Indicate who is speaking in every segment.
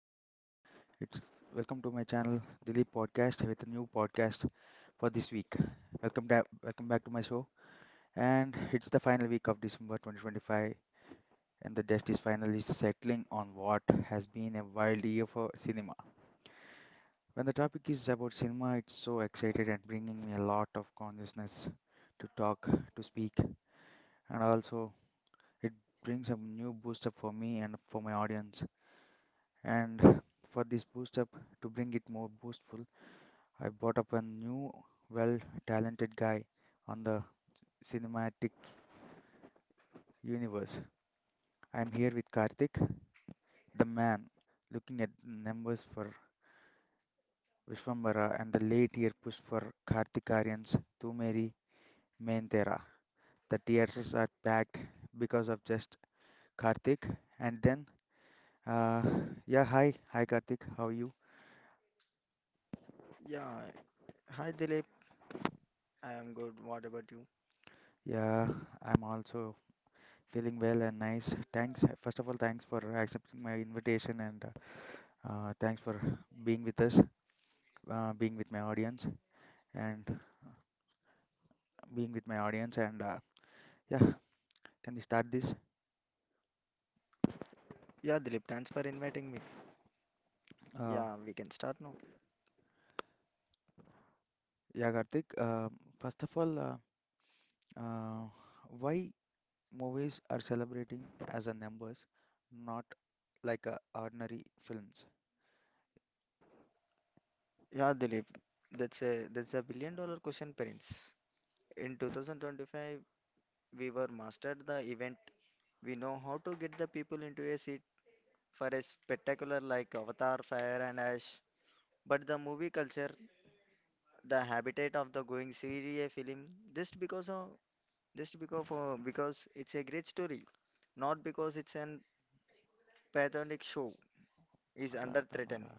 Speaker 1: Adab. It's Welcome to my channel, Dilip Podcast, with a new podcast for this week. Welcome, welcome back to my show. And it's the final week of December 2025, and the dust is finally settling on what has been a wild year for cinema. When the topic is about cinema, it's so excited and bringing me a lot of consciousness to talk, to speak, and also it brings a new booster for me and for my audience. And for this boost up, to bring it more boostful, I brought up a new, well talented guy on the cinematic universe. I'm here with Karthik, the man looking at numbers for Vishwambara and the late year push for Karthik Aryan's Tu Meri Main Tera. The theaters are packed because of just Karthik. And then, uh, yeah, hi Karthik, how are you?
Speaker 2: Yeah, hi Dilip. I am good. What about you?
Speaker 1: Yeah, I'm also feeling well and nice. Thanks. First of all, thanks for accepting my invitation and thanks for being with us, being with my audience, and being with my audience. And yeah, can we start this?
Speaker 2: Yeah, Dilip, thanks for inviting me.
Speaker 1: Uh,
Speaker 2: Yeah, we can start now.
Speaker 1: yeah, Karthik. First of all, uh, why movies are celebrating as a numbers, not like a ordinary films?
Speaker 2: Yeah, Dilip, that's a billion dollar question, Prince. In 2025, we were mastered the event. We know how to get the people into a seat for a spectacular like Avatar, Fire and Ash. But the movie culture, the habitat of the going see a film, just because of because it's a great story, not because it's an patriotic show. Is under threat.
Speaker 1: మాట్లాడుతున్నారా?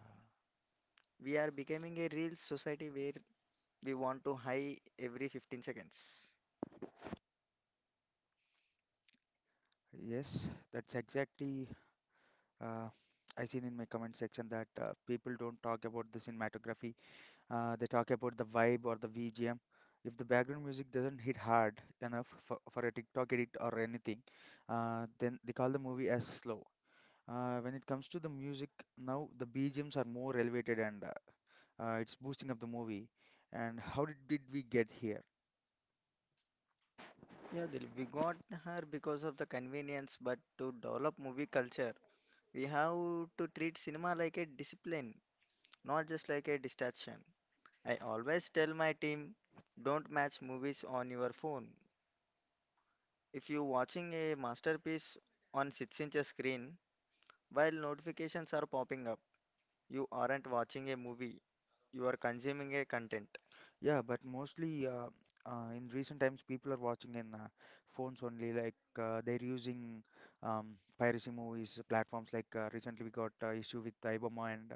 Speaker 2: We are becoming a real society where we want to high every 15 seconds.
Speaker 1: Yes, that's exactly. Uh, I seen in my comment section that people don't talk about the cinematography. They talk about the vibe or the VGM. If the background music doesn't hit hard enough for a TikTok edit or anything, then they call the movie as slow. When it comes to the music, now the BGMs are more elevated, and it's boosting up the movie. And how did we get here?
Speaker 2: Yeah, Dil, we got her because of the convenience, but to develop movie culture, we have to treat cinema like a discipline, not just like a distraction. I always tell my team, don't match movies on your phone. If you're watching a masterpiece on 6-inch screen, while notifications are popping up, you aren't watching a movie, you are consuming a content.
Speaker 1: Yeah, but mostly in recent times, people are watching in phones only. Like they're using piracy movies platforms. Like recently, we got issue with Iboma and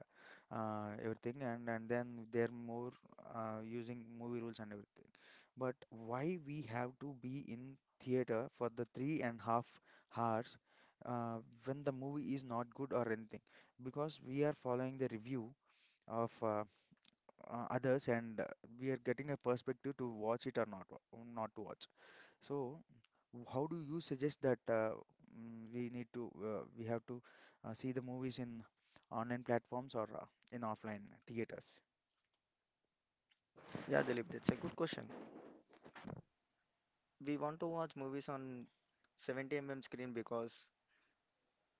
Speaker 1: everything, and then they're more using movie rules and everything. But why we have to be in theater for the three and half hours uh, when the movie is not good or anything? Because we are following the review of others, and we are getting a perspective to watch it or not not to watch. So how do you suggest that we have to see the movies in online platforms or in offline theaters?
Speaker 2: Yeah, Dilip, that's a good question. We want to watch movies on 70 mm screen because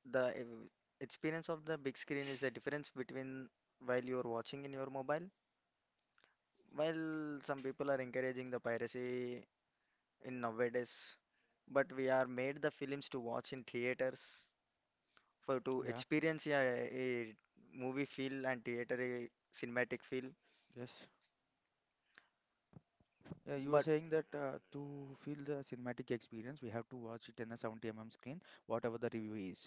Speaker 2: the ev- experience of the big screen is the difference between while you're watching in your mobile. While some people are encouraging the piracy in nowadays, but we are made the films to watch in theaters for to
Speaker 1: Yeah.
Speaker 2: experience yeah, a movie feel and theater a cinematic feel.
Speaker 1: Yes. Yeah, you were
Speaker 2: But
Speaker 1: saying that to feel the cinematic experience, we have to watch it in a 70 mm screen, whatever the review is.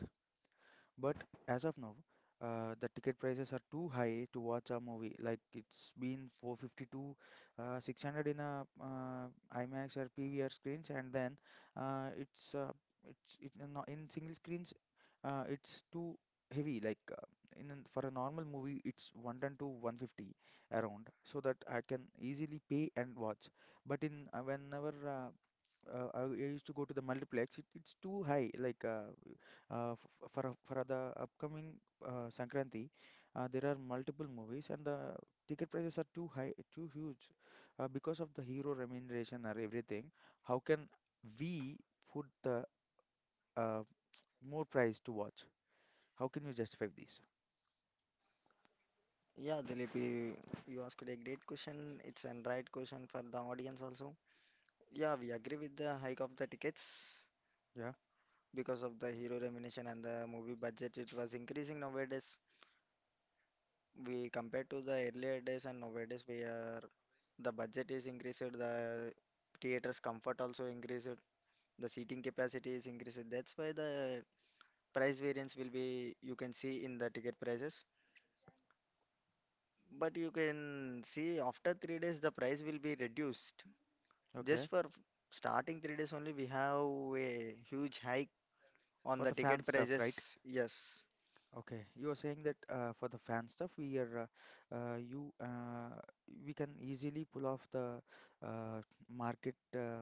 Speaker 1: But as of now, the ticket prices are too high to watch a movie. Like it's been 450 to 600 in a IMAX or PVR screens, and then uh, it's uh, it's not in single screens. It's too heavy. Like for a normal movie, it's 110 to 150 around, so that I can easily pay and watch. But in whenever I used to go to the multiplex. It's too high. Like for the upcoming Sankranti, there are multiple movies and the ticket prices are too high, too huge, because of the hero remuneration or everything. How can we put the uh, more price to watch? How can you justify this?
Speaker 2: yeah, Dilip, you asked a great question. It's a right question for the audience also. Yeah, we agree with the hike of the tickets
Speaker 1: Yeah.
Speaker 2: because of the hero remuneration and the movie budget. It was increasing nowadays. We compared to the earlier days and nowadays we are the budget is increased, the theater's comfort also increased, the seating capacity is increased. That's why the price variance will be you can see in the ticket prices. But you can see after 3 days the price will be reduced.
Speaker 1: Okay.
Speaker 2: Just for f- Starting 3 days only we have a huge hike on
Speaker 1: For
Speaker 2: the
Speaker 1: the fan
Speaker 2: ticket
Speaker 1: stuff, right?
Speaker 2: prices. Yes.
Speaker 1: Okay, you are saying that for the fan stuff, we are you we can easily pull off the uh, market uh,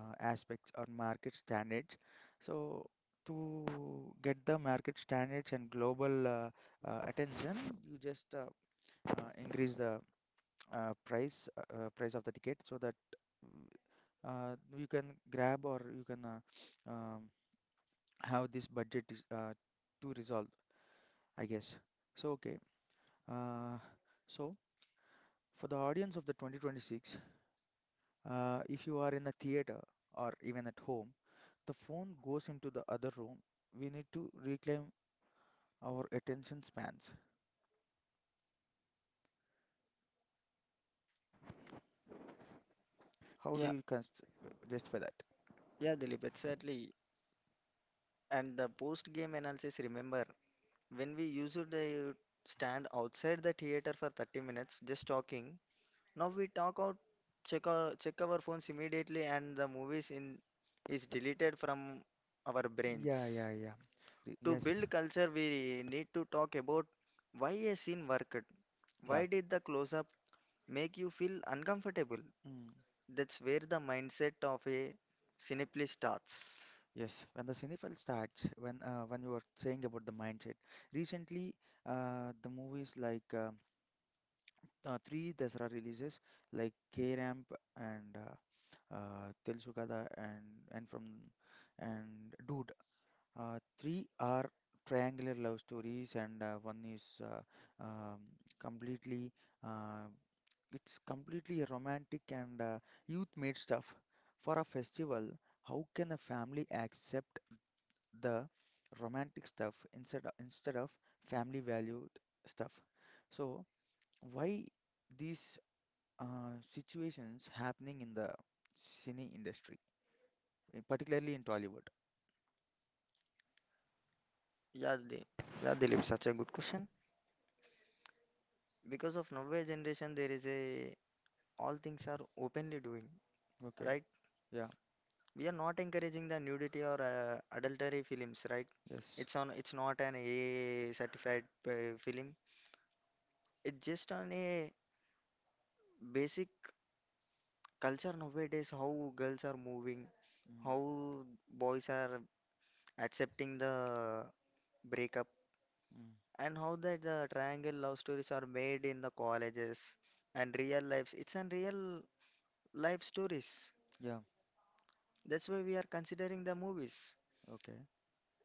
Speaker 1: uh, aspects or market standards. So to get the market standards and global attention, you just increase the price of the ticket so that mm, you can grab or you can um, have this budget is, to resolve, I guess. So okay. Uh, so, for the audience of the 2026, if you are in a theater or even at home, the phone goes into the other room. We need to reclaim our attention spans. How do
Speaker 2: Yeah.
Speaker 1: you just for that?
Speaker 2: Yeah, Dilip, exactly. And the post-game analysis, remember, when we used to stand outside the theater for 30 minutes just talking, now we talk out, check our phones immediately and the movies in is deleted from our
Speaker 1: Yeah,
Speaker 2: brains.
Speaker 1: yeah, yeah.
Speaker 2: To
Speaker 1: Yes,
Speaker 2: build culture, we need to talk about why a scene worked.
Speaker 1: yeah.
Speaker 2: Why did the close-up make you feel uncomfortable?
Speaker 1: Mm.
Speaker 2: That's where the mindset of a cinephile starts.
Speaker 1: Yes, when the cinephile starts, when you were saying about the mindset, recently the movies like three Dasara releases like K-Ramp and Til and from and Dude. Three are triangular love stories, and one is um, completely uh, it's completely romantic and youth-made stuff. For a festival, how can a family accept the romantic stuff instead of family valued stuff? So why these situations happening in the cine industry? Particularly in Tollywood.
Speaker 2: Yeah, Dilip. Yeah, Dilip, such a good question. Because of nowadays generation, there is a all things are openly doing,
Speaker 1: Okay.
Speaker 2: right?
Speaker 1: Yeah.
Speaker 2: We are not encouraging the nudity or adultery films, right?
Speaker 1: Yes.
Speaker 2: It's on. It's not an a certified film. It's just on a basic culture nowadays. How girls are moving,
Speaker 1: Mm.
Speaker 2: how boys are accepting the breakup.
Speaker 1: Mm.
Speaker 2: And how that the triangle love stories are made in the colleges and real lives. It's an real life stories.
Speaker 1: Yeah.
Speaker 2: That's why we are considering the movies.
Speaker 1: Okay.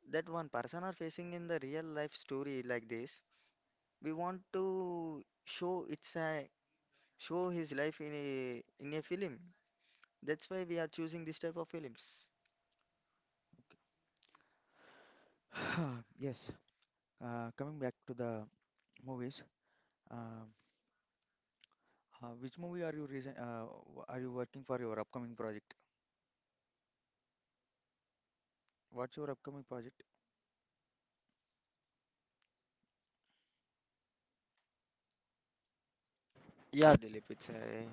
Speaker 2: That one person are facing in the real life story like this. We want to show it's a show his life in a film. That's why we are choosing this type of films.
Speaker 1: Okay. Yes. Coming back to the movies, um, which movie are you working for your upcoming project? What's your upcoming project?
Speaker 2: Yeah, Dilip, it's a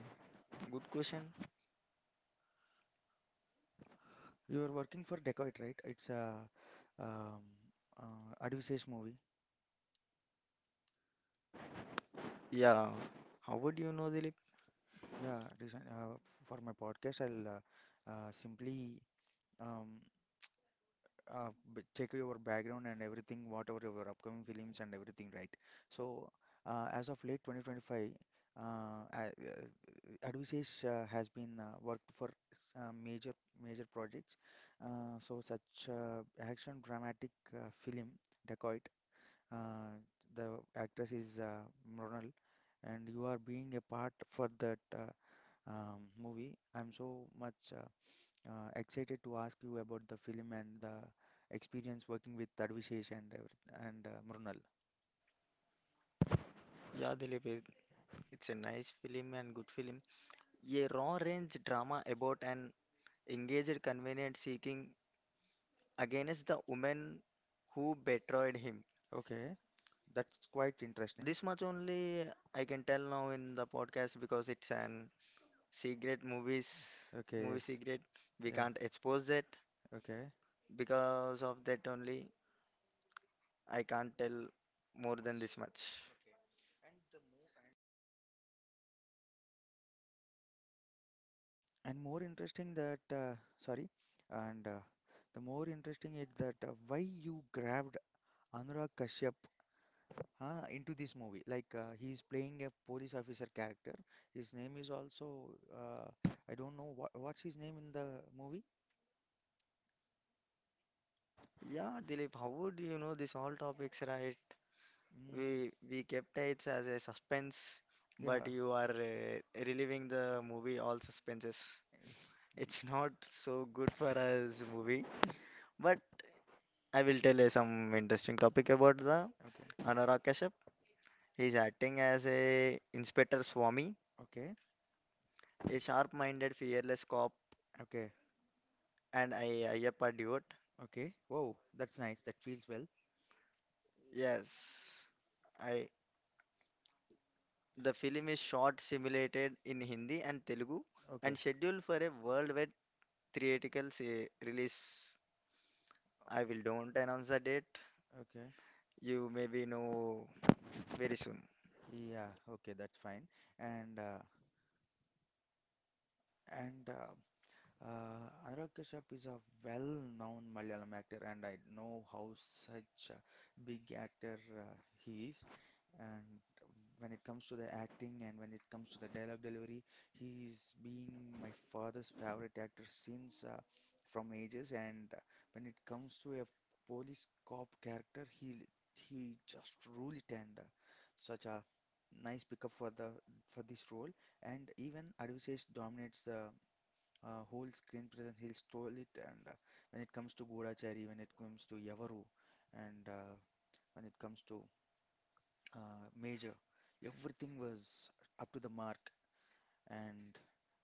Speaker 2: good question.
Speaker 1: You are working for Decoit, right? It's a um, advisage movie.
Speaker 2: Yeah. How would you know, Dilip?
Speaker 1: Yeah, for my podcast, I'll simply um, check your background and everything, whatever your upcoming films and everything, right? So, as of late 2025, uh, a- uh, Advisage has been worked for uh, major major projects. So, such action dramatic film, Dacoit. Uh, the actress is Mronal, and you are being a part for that movie. I'm so much. Excited to ask you about the film and the experience working with Tadvishesh and Mrunal.
Speaker 2: Yeah, Dilip, it's a nice film and good film. A raw-range drama about an engaged convenience seeking against the woman who betrayed him.
Speaker 1: Okay, that's quite interesting.
Speaker 2: This much only I can tell now in the podcast because it's an secret movies Okay.
Speaker 1: Okay,
Speaker 2: movie
Speaker 1: yes,
Speaker 2: secret. We
Speaker 1: yeah,
Speaker 2: can't expose that
Speaker 1: okay.
Speaker 2: because of that only I can't tell more than this much. Okay.
Speaker 1: And more interesting that sorry, and the more interesting is that why you grabbed Anurag Kashyap into this movie. Like he's playing a police officer character. His name is also I don't know what's his name in the movie.
Speaker 2: Yeah, Dilip, how would you know this all topics, right?
Speaker 1: Mm.
Speaker 2: We kept it as a suspense,
Speaker 1: Yeah.
Speaker 2: but you are reliving the movie all suspenses. It's not so good for us movie,
Speaker 1: Y-
Speaker 2: but I will tell you some interesting topic about the
Speaker 1: Okay.
Speaker 2: Anurag Kashyap. He's acting as a Inspector Swami,
Speaker 1: Okay.
Speaker 2: a sharp-minded, fearless cop,
Speaker 1: Okay.
Speaker 2: and a Ayyappa devote.
Speaker 1: Okay. Whoa, that's nice. That feels well.
Speaker 2: Yes, I. The film is shot, simulated in Hindi and Telugu,
Speaker 1: Okay.
Speaker 2: and scheduled for a worldwide release. I will don't announce the date.
Speaker 1: Okay.
Speaker 2: You maybe know very soon.
Speaker 1: Yeah, okay, that's fine. And uh, and Anurag Kashyap is a well-known Malayalam actor, and I know how such a big actor he is. And when it comes to the acting and when it comes to the dialogue delivery, he's being my father's favorite actor since from ages. And when it comes to a police cop character, he just ruled it, and such a nice pickup for this role. And even Advisesh dominates the whole screen presence. He stole it. And when it comes to Godachari, when it comes to Yavaru, and when it comes to major. Everything was up to the mark. And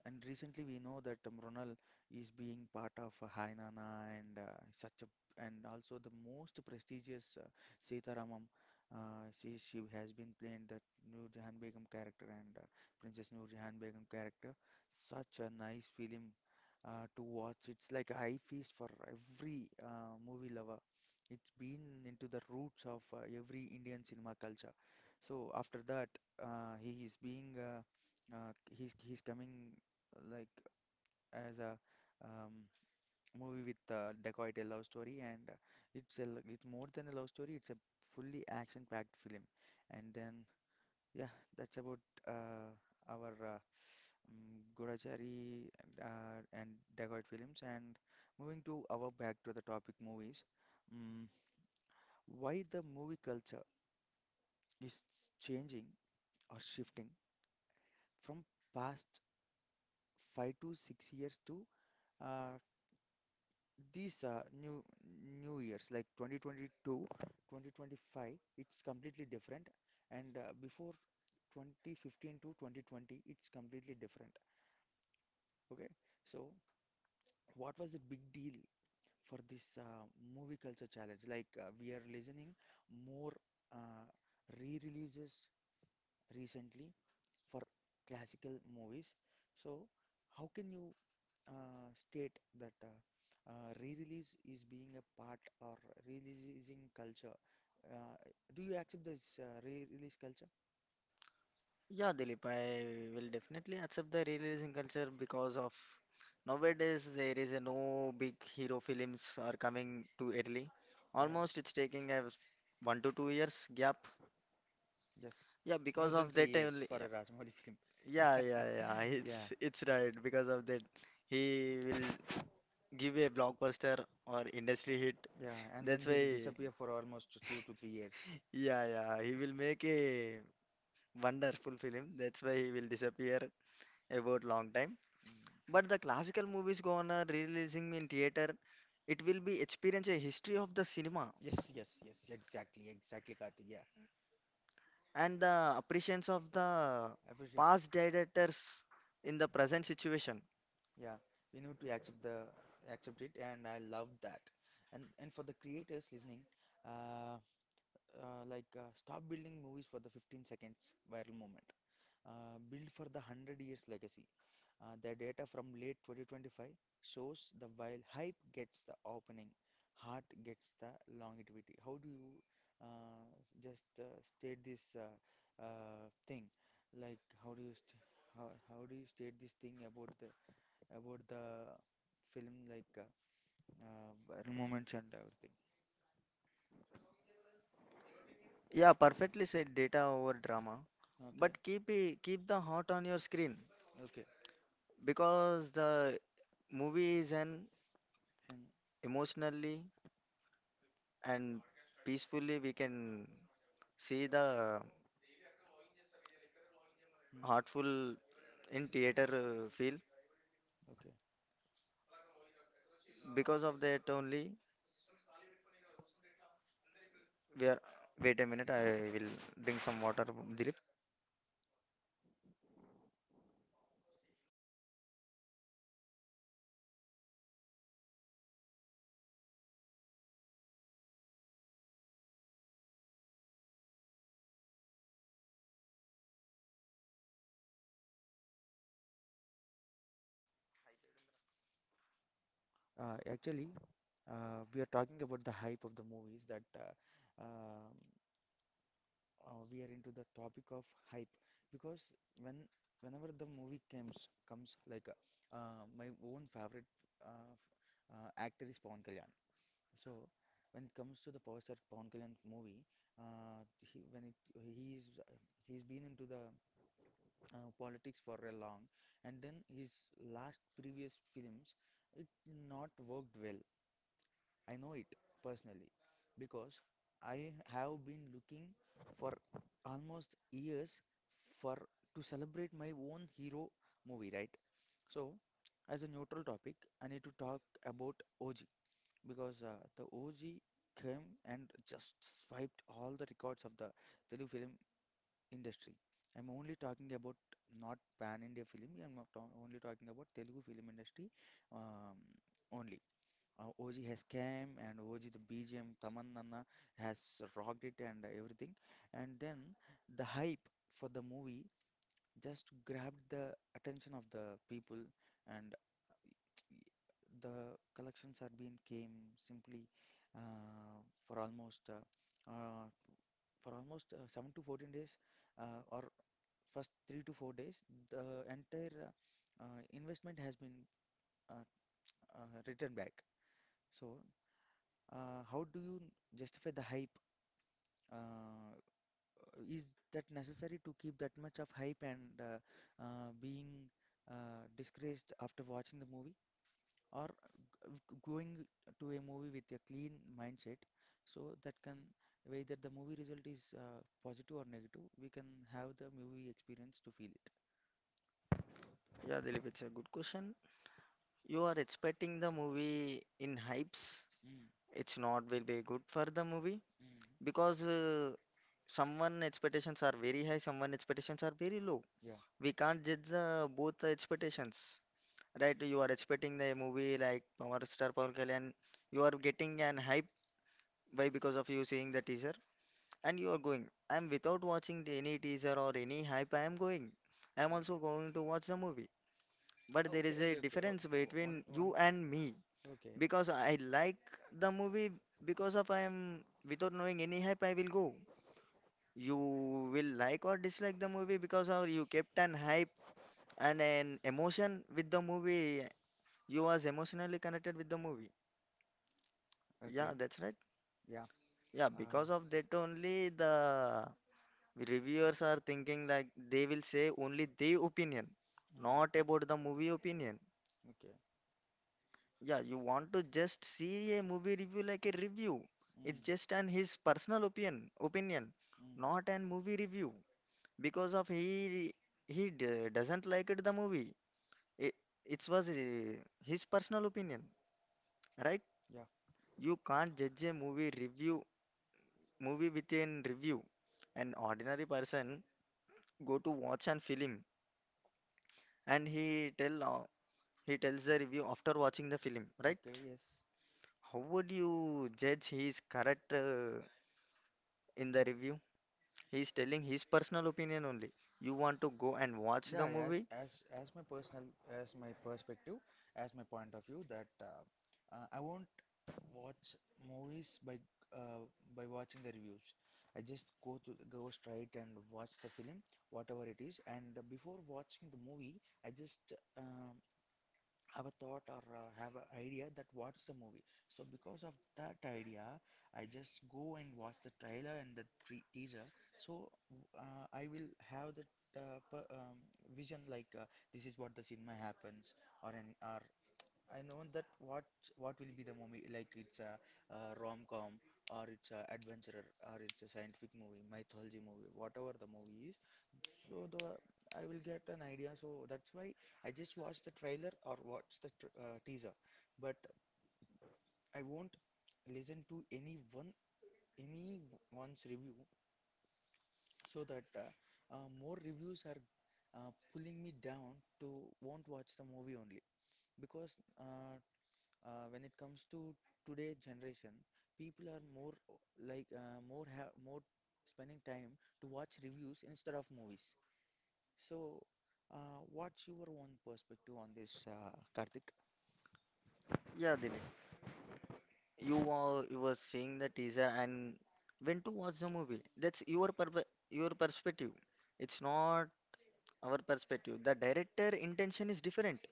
Speaker 1: and recently we know that Ronal is being part of Hainana and such a and also the most prestigious Sitaramam. She has been playing that Noor Jahan Begum character and Princess Noor Jahan Begum character. Such a nice film to watch. It's like a high feast for every movie lover. It's been into the roots of every Indian cinema culture. So after that, he is being he's coming uh, like as a um, movie with decoyed a love story, and it's more than a love story. It's a fully action-packed film, and then yeah, that's about uh, our Gadachari and Dagoit films. And moving to our back to the topic movies, um, why the movie culture is changing or shifting from past 5 to 6 years to uh, these new years like 2022, 2025. It's completely different, and before 2015 to 2020, it's completely different. Okay, so what was the big deal for this movie culture challenge. Like we are listening more uh, re-releases recently for classical movies. So how can you state that re-release is being a part or releasing culture? Uh, do you accept this re-release culture?
Speaker 2: Yeah, Dilip, I will definitely accept the releasing culture because of nowadays there is a no big hero films are coming too early.
Speaker 1: Yeah.
Speaker 2: Almost it's taking a 1 to 2 years gap.
Speaker 1: Yes,
Speaker 2: Yeah,
Speaker 1: more
Speaker 2: because
Speaker 1: than
Speaker 2: of
Speaker 1: three
Speaker 2: that
Speaker 1: years
Speaker 2: only.
Speaker 1: for a Rajmouli film.
Speaker 2: Yeah, yeah, yeah.
Speaker 1: Yeah,
Speaker 2: It's right because of that. He will give a blockbuster or industry hit.
Speaker 1: yeah, and then
Speaker 2: That's
Speaker 1: he'll
Speaker 2: why,
Speaker 1: disappear for almost 2 to 3 years.
Speaker 2: yeah, yeah, he will make a wonderful film. That's why he will disappear about long time.
Speaker 1: Mm.
Speaker 2: But the classical movies gonna releasing in theater, it will be experience a history of the cinema
Speaker 1: Yes, yes, yes, exactly, exactly, Karthik. Yeah,
Speaker 2: and the appreciation of the
Speaker 1: I appreciate.
Speaker 2: past directors in the present situation.
Speaker 1: Yeah, we need to accept it, and I love that. and for the creators listening, uh, like stop building movies for the 15 seconds viral moment. Build for the 100 years legacy. The data from late 2025 shows the while hype gets the opening, heart gets the longevity. How do you uh, just state this thing? Like how do you state this thing about the film like viral moments and everything?
Speaker 2: Yeah, perfectly said data over drama.
Speaker 1: Okay.
Speaker 2: But keep the heart on your screen
Speaker 1: Okay.
Speaker 2: because the movie is an
Speaker 1: Then,
Speaker 2: emotionally and peacefully we can see the
Speaker 1: hmm,
Speaker 2: heartful in theater feel.
Speaker 1: okay.
Speaker 2: Because of that only we are. Wait a minute, I will bring some water, Dilip.
Speaker 1: Uh, actually, we are talking about the hype of the movies that we are into the topic of hype because when whenever the movie comes my own favorite actor is Pawan Kalyan. So when it comes to the power star Pawan Kalyan movie, he when it he's been into the politics for a long, and then his last previous films it not worked well. I know it personally because I have been looking for almost years for to celebrate my own hero movie, right? So, as a neutral topic, I need to talk about OG because the OG came and just swiped all the records of the Telugu film industry. I'm only talking about not pan India film, I'm not ta- only talking about Telugu film industry um, only. OG has came and OG the BGM Tamannana has rocked it and everything. And then the hype for the movie just grabbed the attention of the people and the collections are been came simply uh, for almost uh, uh, for almost 7 to 14 days or first 3 to 4 days the entire investment has been uh, returned back. So, how do you justify the hype? Uh, is that necessary to keep that much of hype and being disgraced after watching the movie, or going to a movie with a clean mindset, so that can, whether the movie result is positive or negative, we can have the movie experience to feel it.
Speaker 2: Yeah, Dilip, it's a good question. You are expecting the movie in hypes.
Speaker 1: Mm,
Speaker 2: It's not will be good for the movie
Speaker 1: mm,
Speaker 2: because someone expectations are very high, someone expectations are very low.
Speaker 1: yeah.
Speaker 2: We can't judge the both the expectations. Right, you are expecting the movie like Power Star Power Kalyan. You are getting an hype by because of you seeing the teaser and you are going. I am without watching any teaser or any hype, I am going. I am also
Speaker 1: Mm.
Speaker 2: going to watch the movie.
Speaker 1: Oh,
Speaker 2: But
Speaker 1: okay,
Speaker 2: there is
Speaker 1: okay,
Speaker 2: a
Speaker 1: okay. Oh,
Speaker 2: difference
Speaker 1: oh, one,
Speaker 2: between
Speaker 1: one.
Speaker 2: you and me
Speaker 1: Okay,
Speaker 2: because I like the movie because of I am without knowing any hype I will go. You will like or dislike the movie because of you kept an hype and an emotion with the movie. You was emotionally connected with the movie.
Speaker 1: yeah, okay.
Speaker 2: Yeah, that's right.
Speaker 1: Yeah.
Speaker 2: Yeah,
Speaker 1: Uh,
Speaker 2: because of that only the reviewers are thinking like they will say only their opinion,
Speaker 1: mm,
Speaker 2: not about the movie opinion.
Speaker 1: okay. It's
Speaker 2: Yeah, you want to just see a movie review like a review.
Speaker 1: Mm,
Speaker 2: It's just an his personal opinion,
Speaker 1: mm,
Speaker 2: not an movie review. Because of he d doesn't like it the movie. It it was his personal opinion, right?
Speaker 1: yeah.
Speaker 2: You can't judge a movie review movie within review an ordinary person go to watch an film and he tells the review after watching the film, right?
Speaker 1: Okay. Yes.
Speaker 2: How would you judge he is correct in the review? He is telling his personal opinion only. You want to go and watch
Speaker 1: Yeah,
Speaker 2: the
Speaker 1: as with
Speaker 2: movie?
Speaker 1: as as my personal, as my perspective, as my point of view that I won't watch movies uh, by watching the reviews. I just go straight and watch the film, whatever it is, and before watching the movie, I just um, have a thought or have an idea that what's the movie. So because of that idea, I just go and watch the trailer and the teaser. So I will have the uh, per, um, vision like this is what the cinema happens or any or I know that what will be the movie, like it's a, rom-com or it's a adventurer or it's a scientific movie, mythology movie, whatever the movie is. So the I will get an idea. So that's why I just watch the trailer or watch the tr teaser, but I won't listen to any one's review, so that more reviews are pulling me down to won't watch the movie only, because when it comes to today generation, people are like more have more spending time to watch reviews instead of movies. So, what's your own perspective on this, Karthik?
Speaker 2: Yeah, Dilip. You were seeing the teaser and when to watch the movie. That's your perpe Your perspective. It's not our perspective. The director intention is different.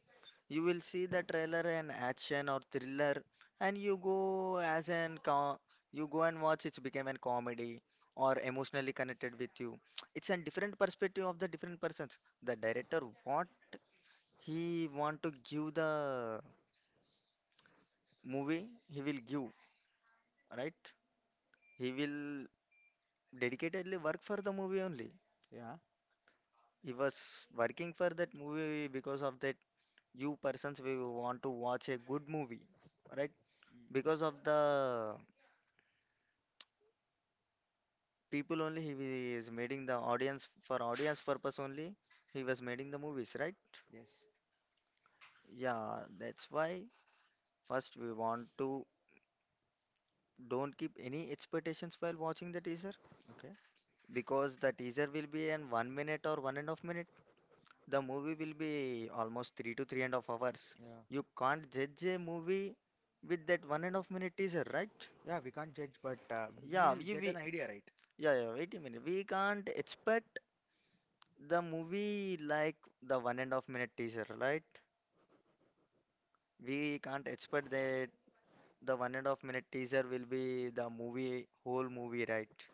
Speaker 2: You will see the trailer and action or thriller, and you go as an you go and watch it's became a comedy or emotionally connected with you. It's a different perspective of the different persons. The director what he want to give the movie, he will give, right? He will dedicatedly work for the movie only.
Speaker 1: Yeah.
Speaker 2: He was working for that movie because of that you persons we want to watch a good movie, right? Because of
Speaker 1: Mm.
Speaker 2: the people only he is making the audience for audience purpose only he was making the movies right
Speaker 1: Yes.
Speaker 2: yeah that's why first we want to don't keep any expectations while watching the teaser
Speaker 1: Okay.
Speaker 2: because the teaser will be in 1 minute or one and a half minute the movie will be almost three to three and a half hours
Speaker 1: Yeah.
Speaker 2: you can't judge a movie with that one and a half minute teaser right
Speaker 1: Yeah, we can't judge, but we'll
Speaker 2: yeah
Speaker 1: get
Speaker 2: we
Speaker 1: an
Speaker 2: we,
Speaker 1: idea, right?
Speaker 2: yeah, yeah, wait a minute. We can't expect the movie like the one and a half minute teaser, right? We can't expect that the one and a half minute teaser will be the movie, whole movie, right?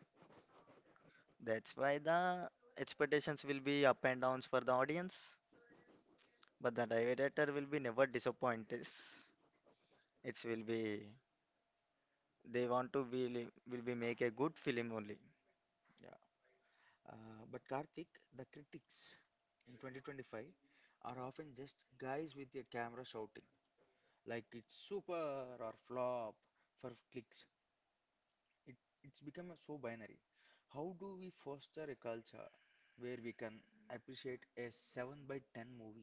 Speaker 2: That's why the expectations will be up and downs for the audience, but the director will be never disappointed. It will be they want to be will be make a good film only.
Speaker 1: Yeah. But Karthik, the critics in 2025 are often just guys with a camera shouting, like it's super or flop for clicks. It, it's become so binary. How do we foster a culture where we can appreciate a 7 by 10 movie?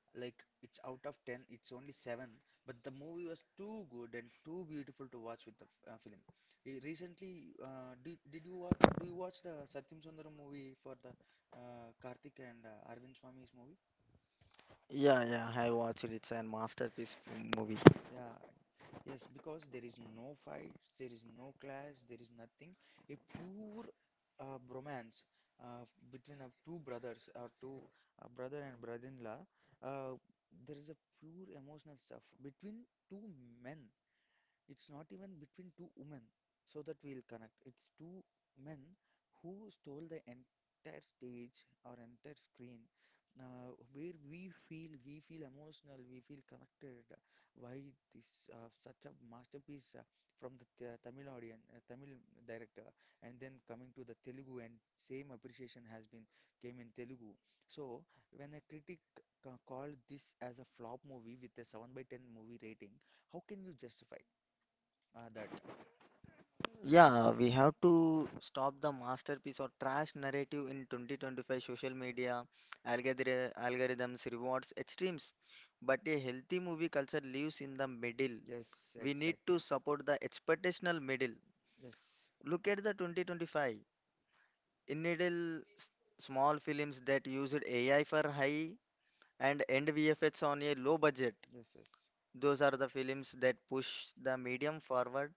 Speaker 1: Like it's out of 10, it's only 7, but the movie was too good and too beautiful to watch with the film. Recently, did you do you watch the Satyam Sundaram movie for the Karthik and Arvind Swami's movie?
Speaker 2: Yeah, yeah, I watched it. It's a movie.
Speaker 1: Yeah. Yes, because there is no fight, there is no clash, there is nothing. A pure bromance between two brothers or two brother and brother-in-law. Uh, there is a pure emotional stuff between two men. It's not even between two women so that we'll connect. It's two men who stole the entire stage or entire screen where we feel emotional, we feel connected. Why this such a masterpiece from the th Tamil audience, Tamil director, and then coming to the Telugu and same appreciation has been came in Telugu. So when a critic called this as a flop movie with a 7 by 10 movie rating, how can you justify that?
Speaker 2: Yeah, we have to stop the masterpiece or trash narrative in 2025 social media algorithms rewards extremes. But a healthy movie culture lives in the middle.
Speaker 1: Yes. We
Speaker 2: We need
Speaker 1: exactly.
Speaker 2: to support the expectational middle.
Speaker 1: Yes.
Speaker 2: Look at the 2025. In middle, small films that used AI for high and end VFX on a low budget.
Speaker 1: Yes. Yes.
Speaker 2: Those are the films that push the medium forward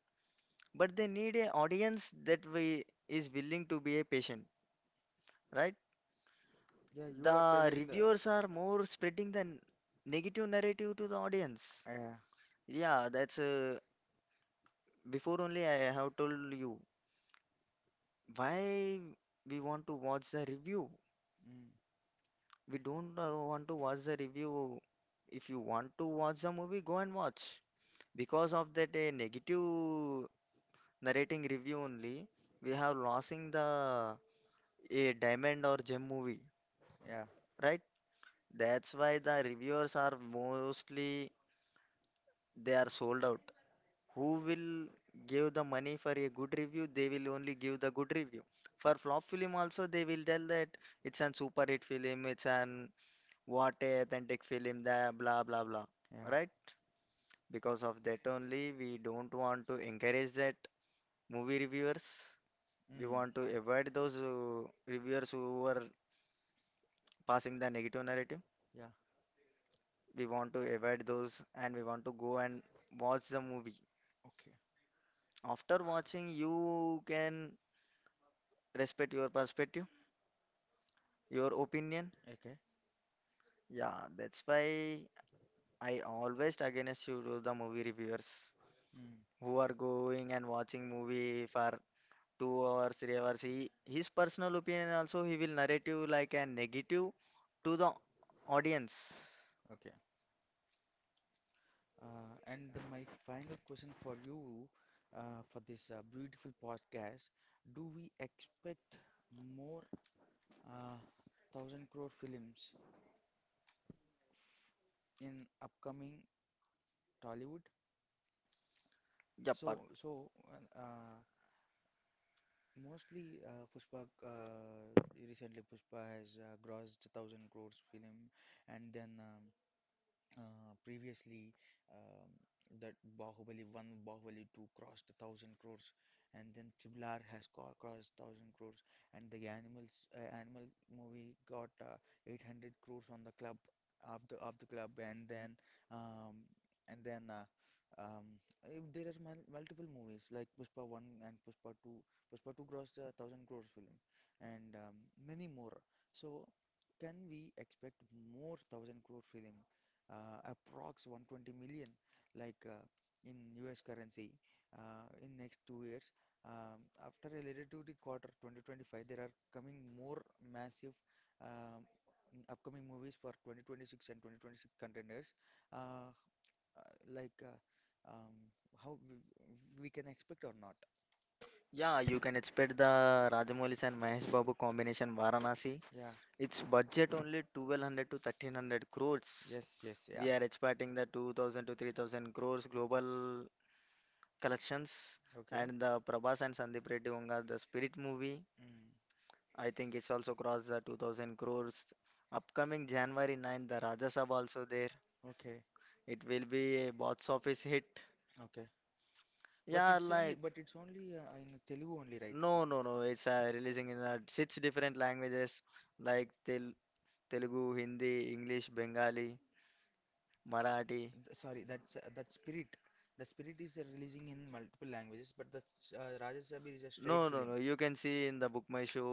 Speaker 2: but they need an audience that we is willing to be a patient, right?
Speaker 1: Yeah, you are telling
Speaker 2: The
Speaker 1: that.
Speaker 2: reviewers are more spreading the negative narrative to the audience.
Speaker 1: Yeah.
Speaker 2: Yeah, that's before only I have told you why we want to watch the review.
Speaker 1: Mm,
Speaker 2: We don't want to watch the review. If you want to watch the movie, go and watch. Because of that negative narrating review only, we have losing the a diamond or gem movie,
Speaker 1: yeah.
Speaker 2: right? That's why the reviewers are mostly they are sold out. Who will give the money for a good review? They will only give the good review. For flop film also they will tell that it's an super hit film, it's an what a authentic film, the blah blah blah.
Speaker 1: Yeah.
Speaker 2: Right? Because of that only we don't want to encourage that movie reviewers.
Speaker 1: Mm,
Speaker 2: We want to avoid those reviewers who are passing the negative narrative.
Speaker 1: yeah.
Speaker 2: We want to avoid those and we want to go and watch the movie.
Speaker 1: Okay.
Speaker 2: After watching, you can respect your perspective, your opinion.
Speaker 1: Okay.
Speaker 2: Yeah, that's why I always against you to the movie reviewers
Speaker 1: Mm,
Speaker 2: who are going and watching movie for 2 hours, 3 hours. He, his personal opinion also he will narrate you like a negative to the audience.
Speaker 1: okay. My final question for you for this beautiful podcast: do we expect more uh, thousand crore films in upcoming Tollywood.
Speaker 2: Yep.
Speaker 1: So, mostly Pushpa, recently Pushpa has grossed 1,000 crores film, and then previously, um, that Bahubali 1, Bahubali 2 crossed 1,000 crores, and then Tiblar has crossed 1,000 crores, and the animal movie got 800 crores on the club of the club, and then um, and then uh, um, there are multiple movies like Pushpa 1 and Pushpa 2, Pushpa 2 crossed a 1,000 crores film and many more. So can we expect more 1,000 crore film, approx 120 million, like in US currency, in next 2 years, um, after related to the quarter 2025 there are coming more massive, um, upcoming movies for 2026 and 2026 contenders, uh, uh, like uh, um, how we can expect or not?
Speaker 2: Yeah, you can expect the Rajamouli and Mahesh Babu combination Varanasi.
Speaker 1: Yeah.
Speaker 2: It's budget only 1200 to 1300 crores.
Speaker 1: Yes. Yes. Yeah.
Speaker 2: Yes, we are expecting the 2000 to 3000 crores global collections.
Speaker 1: Okay.
Speaker 2: And the Prabhas and Sandeep Reddy Unga, the Spirit movie,
Speaker 1: Mm.
Speaker 2: I think it's also crossed the 2000 crores. Upcoming January 9th, the Rajya Sabha also there.
Speaker 1: Okay.
Speaker 2: It will be a box office hit.
Speaker 1: Okay. But
Speaker 2: But
Speaker 1: it's
Speaker 2: yeah,
Speaker 1: only but but
Speaker 2: like,
Speaker 1: it's only uh, in Telugu only, right?
Speaker 2: no. It's releasing in six different languages like Telugu, Hindi, English, Bengali. Marathi.
Speaker 1: Sorry, that's that Spirit. The Spirit is releasing in multiple languages, but the Raja
Speaker 2: No,
Speaker 1: Sabir is a straight
Speaker 2: Releasing no.
Speaker 1: film.
Speaker 2: Translating. You can see in the book my show.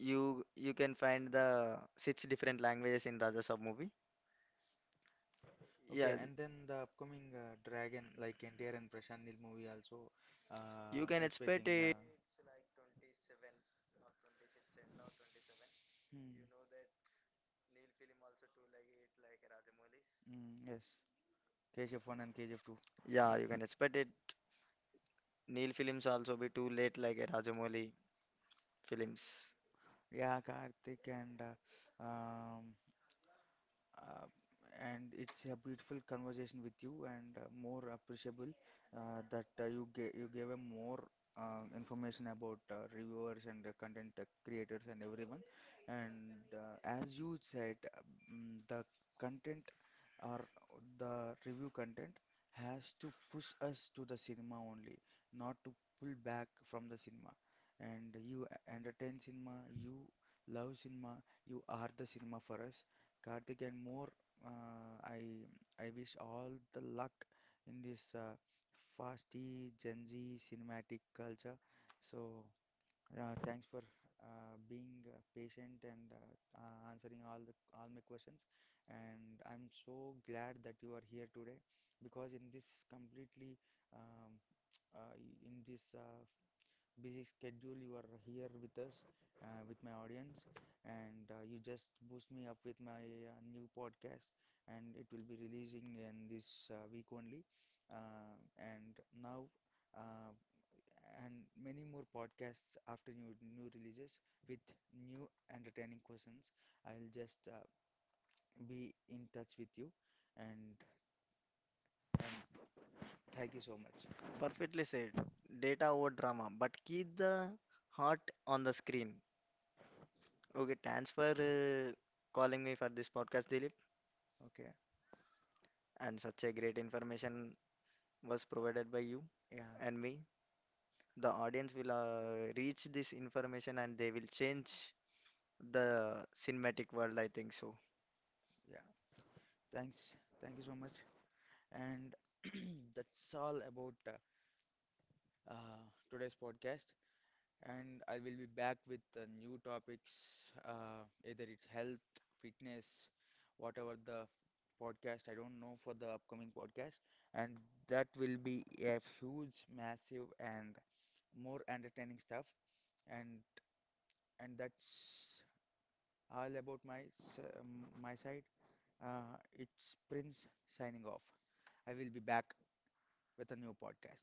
Speaker 2: You can find the six different languages in Raja Sab movie.
Speaker 1: Okay. Yeah,
Speaker 2: Yeah,
Speaker 1: and then the upcoming Dragon, like NTR and Prashant Nil movie also, you
Speaker 2: uh, you can
Speaker 1: expecting.
Speaker 2: expect for.
Speaker 1: Yeah.
Speaker 2: It.
Speaker 1: Hmm. Mm, yes, KGF 1 and KGF 2.
Speaker 2: Yeah, you can expect it. Neil films also be too late like a Rajamouli films.
Speaker 1: Yeah, Karthik, and um, uh, it's a beautiful conversation with you, and more appreciable that you gave a more information about reviewers and content creators and everyone. And as you said, the content or the review content has to push us to the cinema only, not to pull back from the cinema. And you entertain cinema, you love cinema, you are the cinema for us. Karthik and more, uh, I I wish all the luck in this fasty Gen Z cinematic culture. So, thanks for being patient and answering all my questions. And I'm so glad that you are here today because um, in this busy schedule, you are here with us, with my audience, and you just boost me up with my new podcast, and it will be releasing in this week only. And now. Uh, and many more podcasts after new releases with new entertaining questions. I'll just be in touch with you, and and thank you so much.
Speaker 2: Perfectly said. Data over drama, but keep the heart on the screen. Okay, thanks for calling me for this podcast, Dilip.
Speaker 1: Okay.
Speaker 2: And such a great information was provided by you
Speaker 1: Yeah,
Speaker 2: and me. The audience will reach this information and they will change the cinematic world, I think so.
Speaker 1: yeah. Thanks. Thank you so much. And that's all about uh, today's podcast. And I will be back with new topics, either it's health, fitness, whatever the podcast, I don't know for the upcoming podcast. And that will be a huge, massive, and more entertaining stuff. And and that's all about my side. It's Prince signing off. I will be back with a new podcast.